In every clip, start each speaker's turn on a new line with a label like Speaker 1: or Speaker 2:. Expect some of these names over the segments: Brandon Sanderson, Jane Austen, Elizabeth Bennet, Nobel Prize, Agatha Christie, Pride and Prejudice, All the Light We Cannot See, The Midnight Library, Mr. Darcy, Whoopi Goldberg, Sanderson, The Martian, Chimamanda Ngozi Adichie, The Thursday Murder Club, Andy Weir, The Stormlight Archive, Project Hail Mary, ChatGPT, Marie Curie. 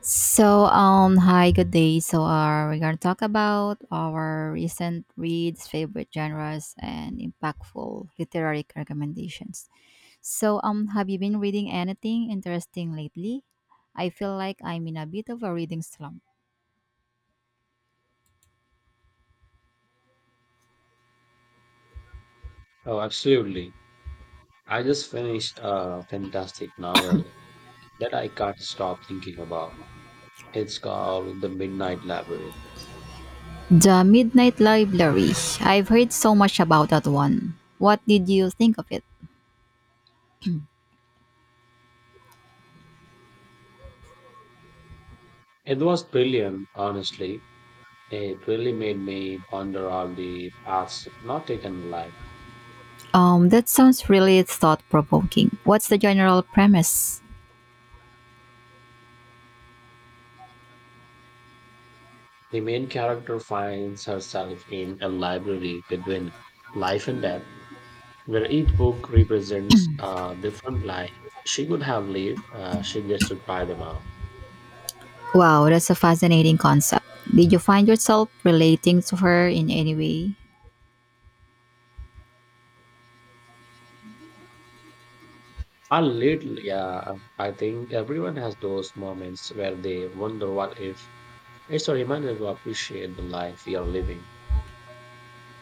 Speaker 1: So, hi, good day. We're gonna talk about our recent reads, favorite genres, and impactful literary recommendations. Have you been reading anything interesting lately? I feel like I'm in a bit of a reading slump.
Speaker 2: Oh, absolutely. I just finished a fantastic novel that I can't stop thinking about. It's called The Midnight Library.
Speaker 1: The Midnight Library. I've heard so much about that one. What did you think of it?
Speaker 2: It was brilliant, honestly. It really made me ponder all the paths not taken in life.
Speaker 1: That sounds really thought provoking. What's the general premise?
Speaker 2: The main character finds herself in a library between life and death, where each book represents a different life she could have lived. She gets to try them out.
Speaker 1: Wow, that's a fascinating concept. Did you find yourself relating to her in any way?
Speaker 2: A little, yeah. I think everyone has those moments where they wonder what if. It's a reminder to appreciate the life you're living.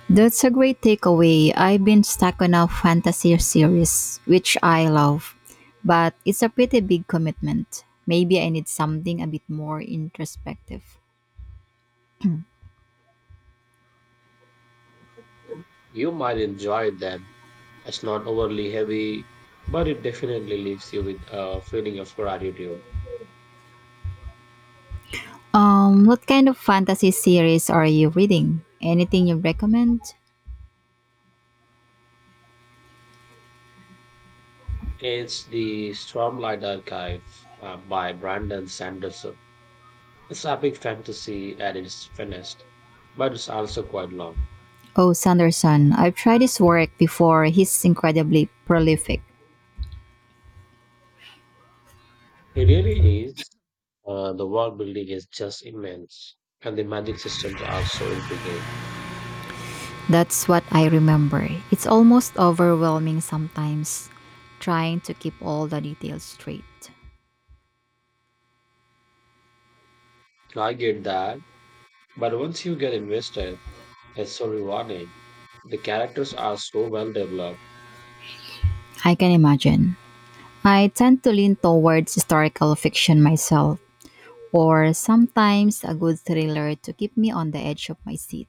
Speaker 1: That's a great takeaway. I've been stuck on a fantasy series, which I love, but it's a pretty big commitment. Maybe I need something a bit more introspective.
Speaker 2: You might enjoy them. It's not overly heavy, but it definitely leaves you with a feeling of gratitude.
Speaker 1: What kind of fantasy series are you reading? Anything you recommend?
Speaker 2: It's the Stormlight Archive by Brandon Sanderson. It's epic fantasy at its finest, but it's also quite long.
Speaker 1: Oh, Sanderson, I've tried his work before. He's incredibly prolific.
Speaker 2: It really is. The world building is just immense, and the magic systems are so intriguing.
Speaker 1: That's what I remember. It's almost overwhelming sometimes trying to keep all the details straight.
Speaker 2: I get that, but once you get invested, it's so rewarding. The characters are so well developed.
Speaker 1: I can imagine. I tend to lean towards historical fiction myself, or sometimes a good thriller to keep me on the edge of my seat.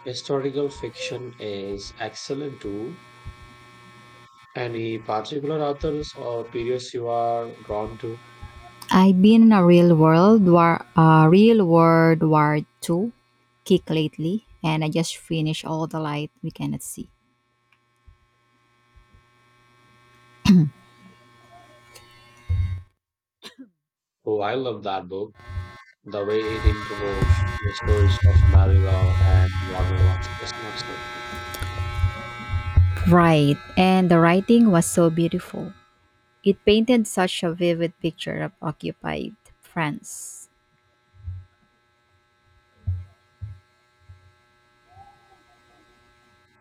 Speaker 2: Historical fiction is excellent too. Any particular authors or periods you are drawn to?
Speaker 1: I've been in a real world war two kick lately, and I just finished all the light we cannot see.
Speaker 2: Oh, I love that book. The way it interwove the stories of Marylor and Warner was just masterful.
Speaker 1: Right, and the writing was so beautiful. It painted such a vivid picture of occupied France.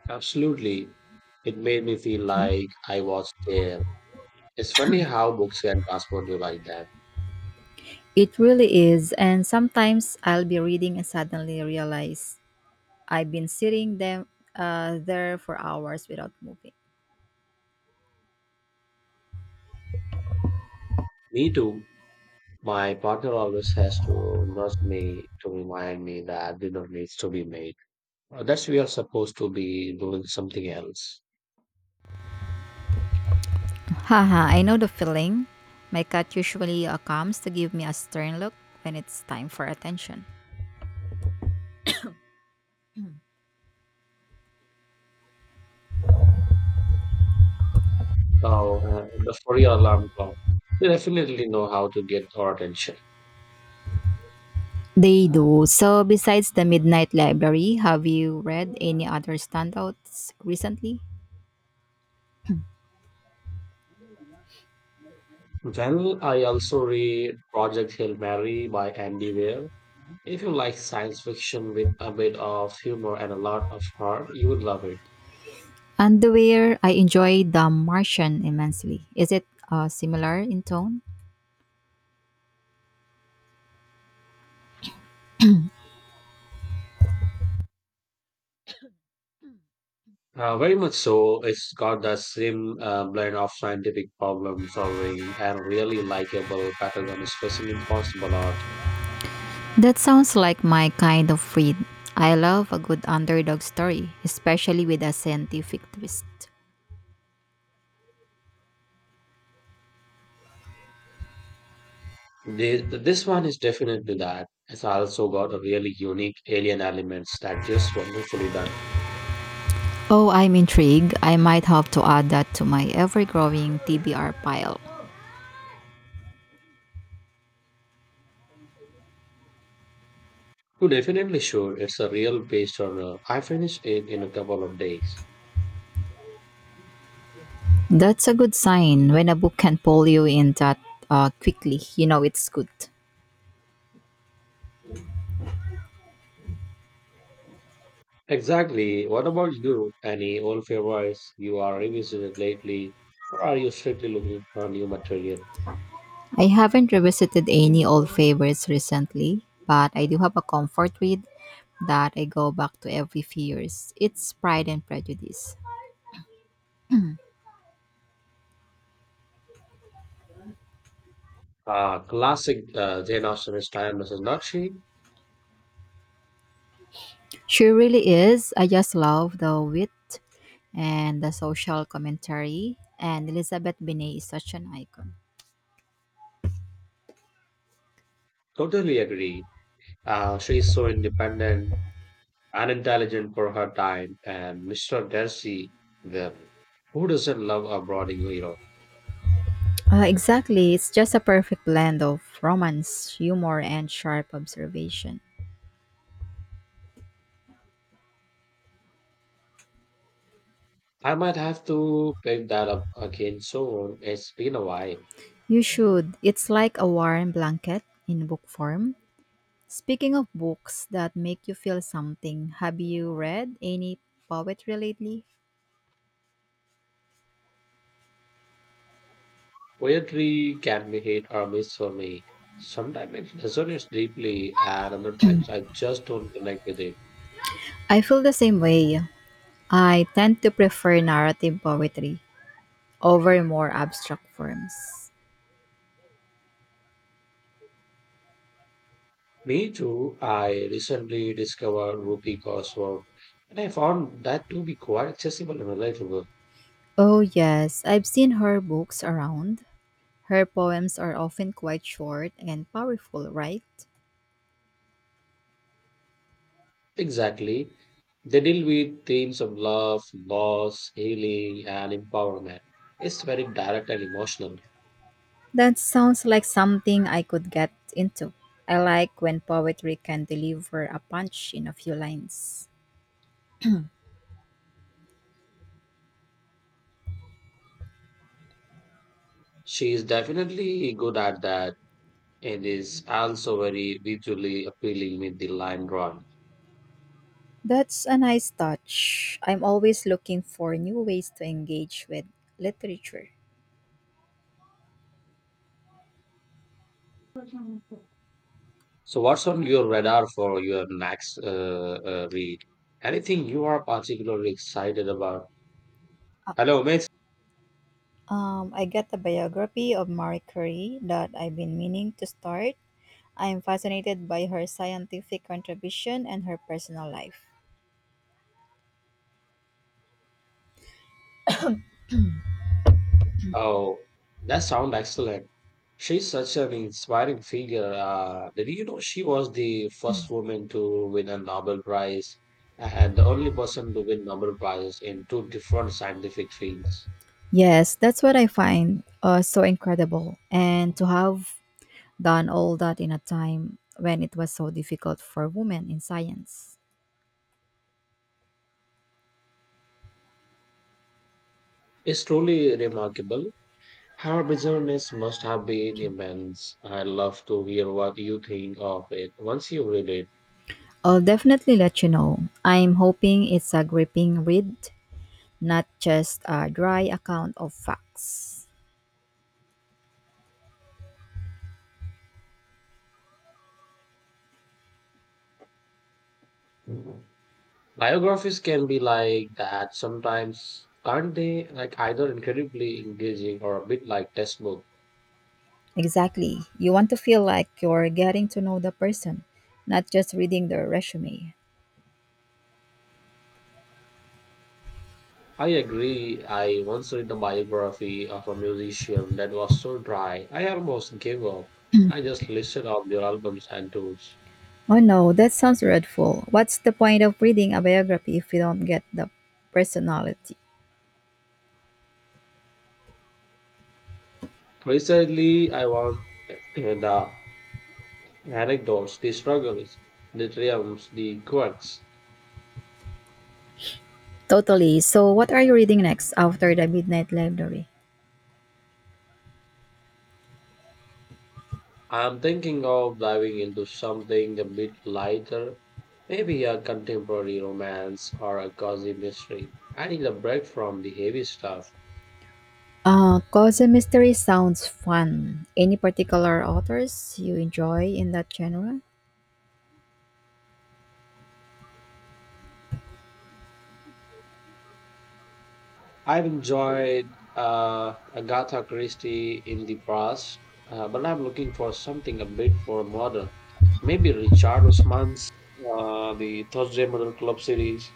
Speaker 2: Absolutely. It made me feel like I was there. It's funny how books can transport you like that.
Speaker 1: It really is, and sometimes I'll be reading and suddenly realize I've been sitting them there for hours without moving.
Speaker 2: Me too. My partner always has to nurse me to remind me that dinner needs to be made. That's we are supposed to be doing something else.
Speaker 1: Haha, I know the feeling. My cat usually comes to give me a stern look when it's time for attention.
Speaker 2: So the furry alarm clock. They definitely know how to get our attention.
Speaker 1: They do. So, besides the Midnight Library, have you read any other standouts recently?
Speaker 2: Well, I also read Project Hail Mary by Andy Weir. If you like science fiction with a bit of humor and a lot of heart, you would love it.
Speaker 1: Underwear, I enjoy The Martian immensely. Is it similar in tone?
Speaker 2: Very much so. It's got the same blend of scientific problem solving and really likable protagonist facing impossible odds.
Speaker 1: That sounds like my kind of read. I love a good underdog story, especially with a scientific twist.
Speaker 2: This one is definitely that. It's also got a really unique alien elements that just wonderfully done.
Speaker 1: Oh, I'm intrigued. I might have to add that to my ever growing TBR pile.
Speaker 2: To definitely sure, it's a real based on. I finished it in a couple of days.
Speaker 1: That's a good sign when a book can pull you in that quickly. You know it's good.
Speaker 2: Exactly. What about you? Any old favorites you are revisiting lately, or are you strictly looking for new material?
Speaker 1: I haven't revisited any old favorites recently, but I do have a comfort read that I go back to every few years. It's Pride and Prejudice.
Speaker 2: Ah, classic Jane Austen style, Mrs. Nutty.
Speaker 1: She really is. I just love the wit and the social commentary, and Elizabeth Binet is such an icon.
Speaker 2: Totally agree. She is so independent and intelligent for her time. And Mr. Darcy, the who doesn't love a brooding hero?
Speaker 1: Exactly. It's just a perfect blend of romance, humor, and sharp observation.
Speaker 2: I might have to pick that up again soon. It's been a while.
Speaker 1: You should. It's like a warm blanket in book form. Speaking of books that make you feel something, have you read any poetry lately?
Speaker 2: Poetry can be hit or miss for me. Sometimes it resonates deeply, and other times I just don't connect with it.
Speaker 1: I feel the same way. I tend to prefer narrative poetry over more abstract forms.
Speaker 2: Me too. I recently discovered Whoopi Goldberg, and I found that to be quite accessible and relatable.
Speaker 1: Oh, yes, I've seen her books around. Her poems are often quite short and powerful, right?
Speaker 2: Exactly. They deal with themes of love, loss, healing, and empowerment. It's very direct and emotional.
Speaker 1: That sounds like something I could get into. I like when poetry can deliver a punch in a few lines.
Speaker 2: She is definitely good at that and is also very visually appealing with the line drawing.
Speaker 1: That's a nice touch. I'm always looking for new ways to engage with literature.
Speaker 2: So, what's on your radar for your next read? Anything you are particularly excited about? Hello, mate.
Speaker 1: I got a biography of Marie Curie that I've been meaning to start. I am fascinated by her scientific contribution and her personal life.
Speaker 2: Oh, that sounds excellent. She's such an inspiring figure. Did you know she was the first woman to win a Nobel Prize and the only person to win Nobel Prize in two different scientific fields?
Speaker 1: Yes, that's what I find so incredible. And to have done all that in a time when it was so difficult for women in science.
Speaker 2: It's truly remarkable. Her business must have been immense. I'd love to hear what you think of it once you read it.
Speaker 1: I'll definitely let you know. I'm hoping it's a gripping read not just a dry account of facts.
Speaker 2: Biographies can be like that sometimes, aren't they? Like either incredibly engaging or a bit like textbook.
Speaker 1: Exactly. You want to feel like you're getting to know the person, not just reading their resume.
Speaker 2: I agree. I once read the biography of a musician that was so dry, I almost gave up. I just listed off their albums and tours.
Speaker 1: Oh no, that sounds dreadful. What's the point of reading a biography if you don't get the personality?
Speaker 2: Precisely, I want the anecdotes, the struggles, the triumphs, the quirks.
Speaker 1: Totally. So, what are you reading next after the Midnight Library?
Speaker 2: I'm thinking of diving into something a bit lighter, maybe a contemporary romance or a cozy mystery. I need a break from the heavy stuff.
Speaker 1: Cause and Mystery sounds fun. Any particular authors you enjoy in that genre?
Speaker 2: I've enjoyed Agatha Christie in the past, but I'm looking for something a bit more modern. Maybe Richard Osman's the Thursday Murder Club series.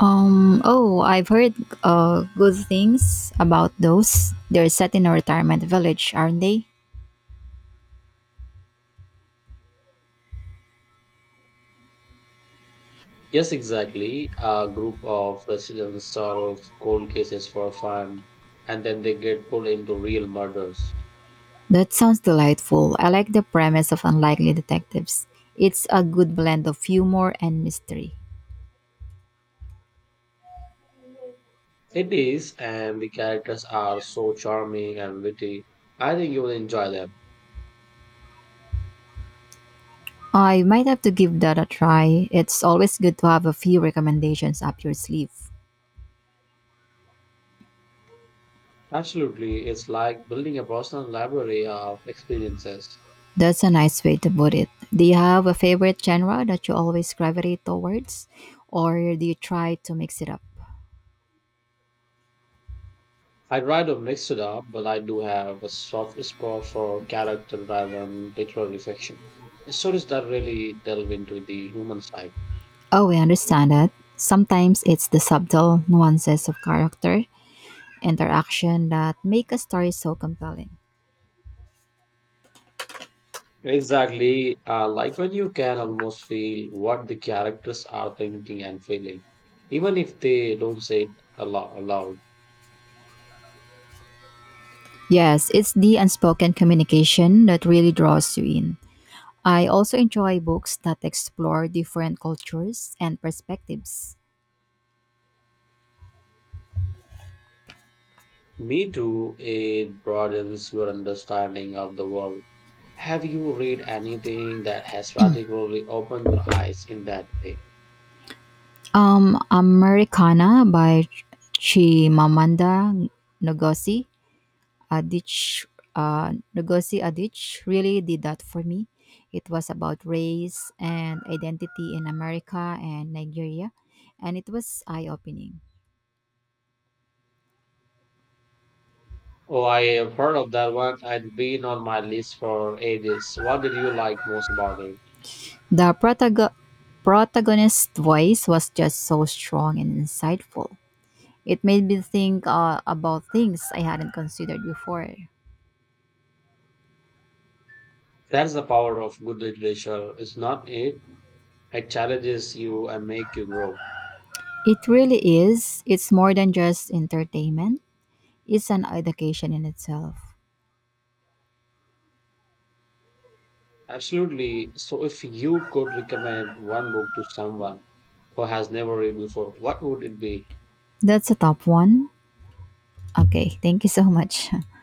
Speaker 1: Oh, I've heard good things about those. They're set in a retirement village, aren't they?
Speaker 2: Yes, exactly. A group of residents solve cold cases for fun, and then they get pulled into real murders.
Speaker 1: That sounds delightful. I like the premise of Unlikely Detectives. It's a good blend of humor and mystery.
Speaker 2: It is, and the characters are so charming and witty. I think you will enjoy them.
Speaker 1: I might have to give that a try. It's always good to have a few recommendations up your sleeve.
Speaker 2: Absolutely, it's like building a personal library of experiences.
Speaker 1: That's a nice way to put it. Do you have a favorite genre that you always gravitate towards, or do you try to mix it up?
Speaker 2: I'd rather mix it up, but I do have a soft spot for character driven literary fiction. Stories that really delve into the human side.
Speaker 1: Oh, I understand that. Sometimes it's the subtle nuances of character, interaction that make a story so compelling.
Speaker 2: Exactly. Like when you can almost feel what the characters are thinking and feeling, even if they don't say it aloud.
Speaker 1: Yes, it's the unspoken communication that really draws you in. I also enjoy books that explore different cultures and perspectives.
Speaker 2: Me too, it broadens your understanding of the world. Have you read anything that has particularly opened your eyes in that way?
Speaker 1: Americana by Chimamanda Ngozi Adich, Lugosi Adich really did that for me. It was about race and identity in America and Nigeria, and it was eye opening.
Speaker 2: Oh, I have heard of that one. It's been on my list for ages. What did you like most about it?
Speaker 1: The protagonist's voice was just so strong and insightful. It made me think about things I hadn't considered before.
Speaker 2: That's the power of good literature. It's not it. It challenges you and make you grow.
Speaker 1: It really is. It's more than just entertainment, it's an education in itself.
Speaker 2: Absolutely. So if you could recommend one book to someone who has never read before, what would it be?
Speaker 1: That's a top one. Okay, thank you so much.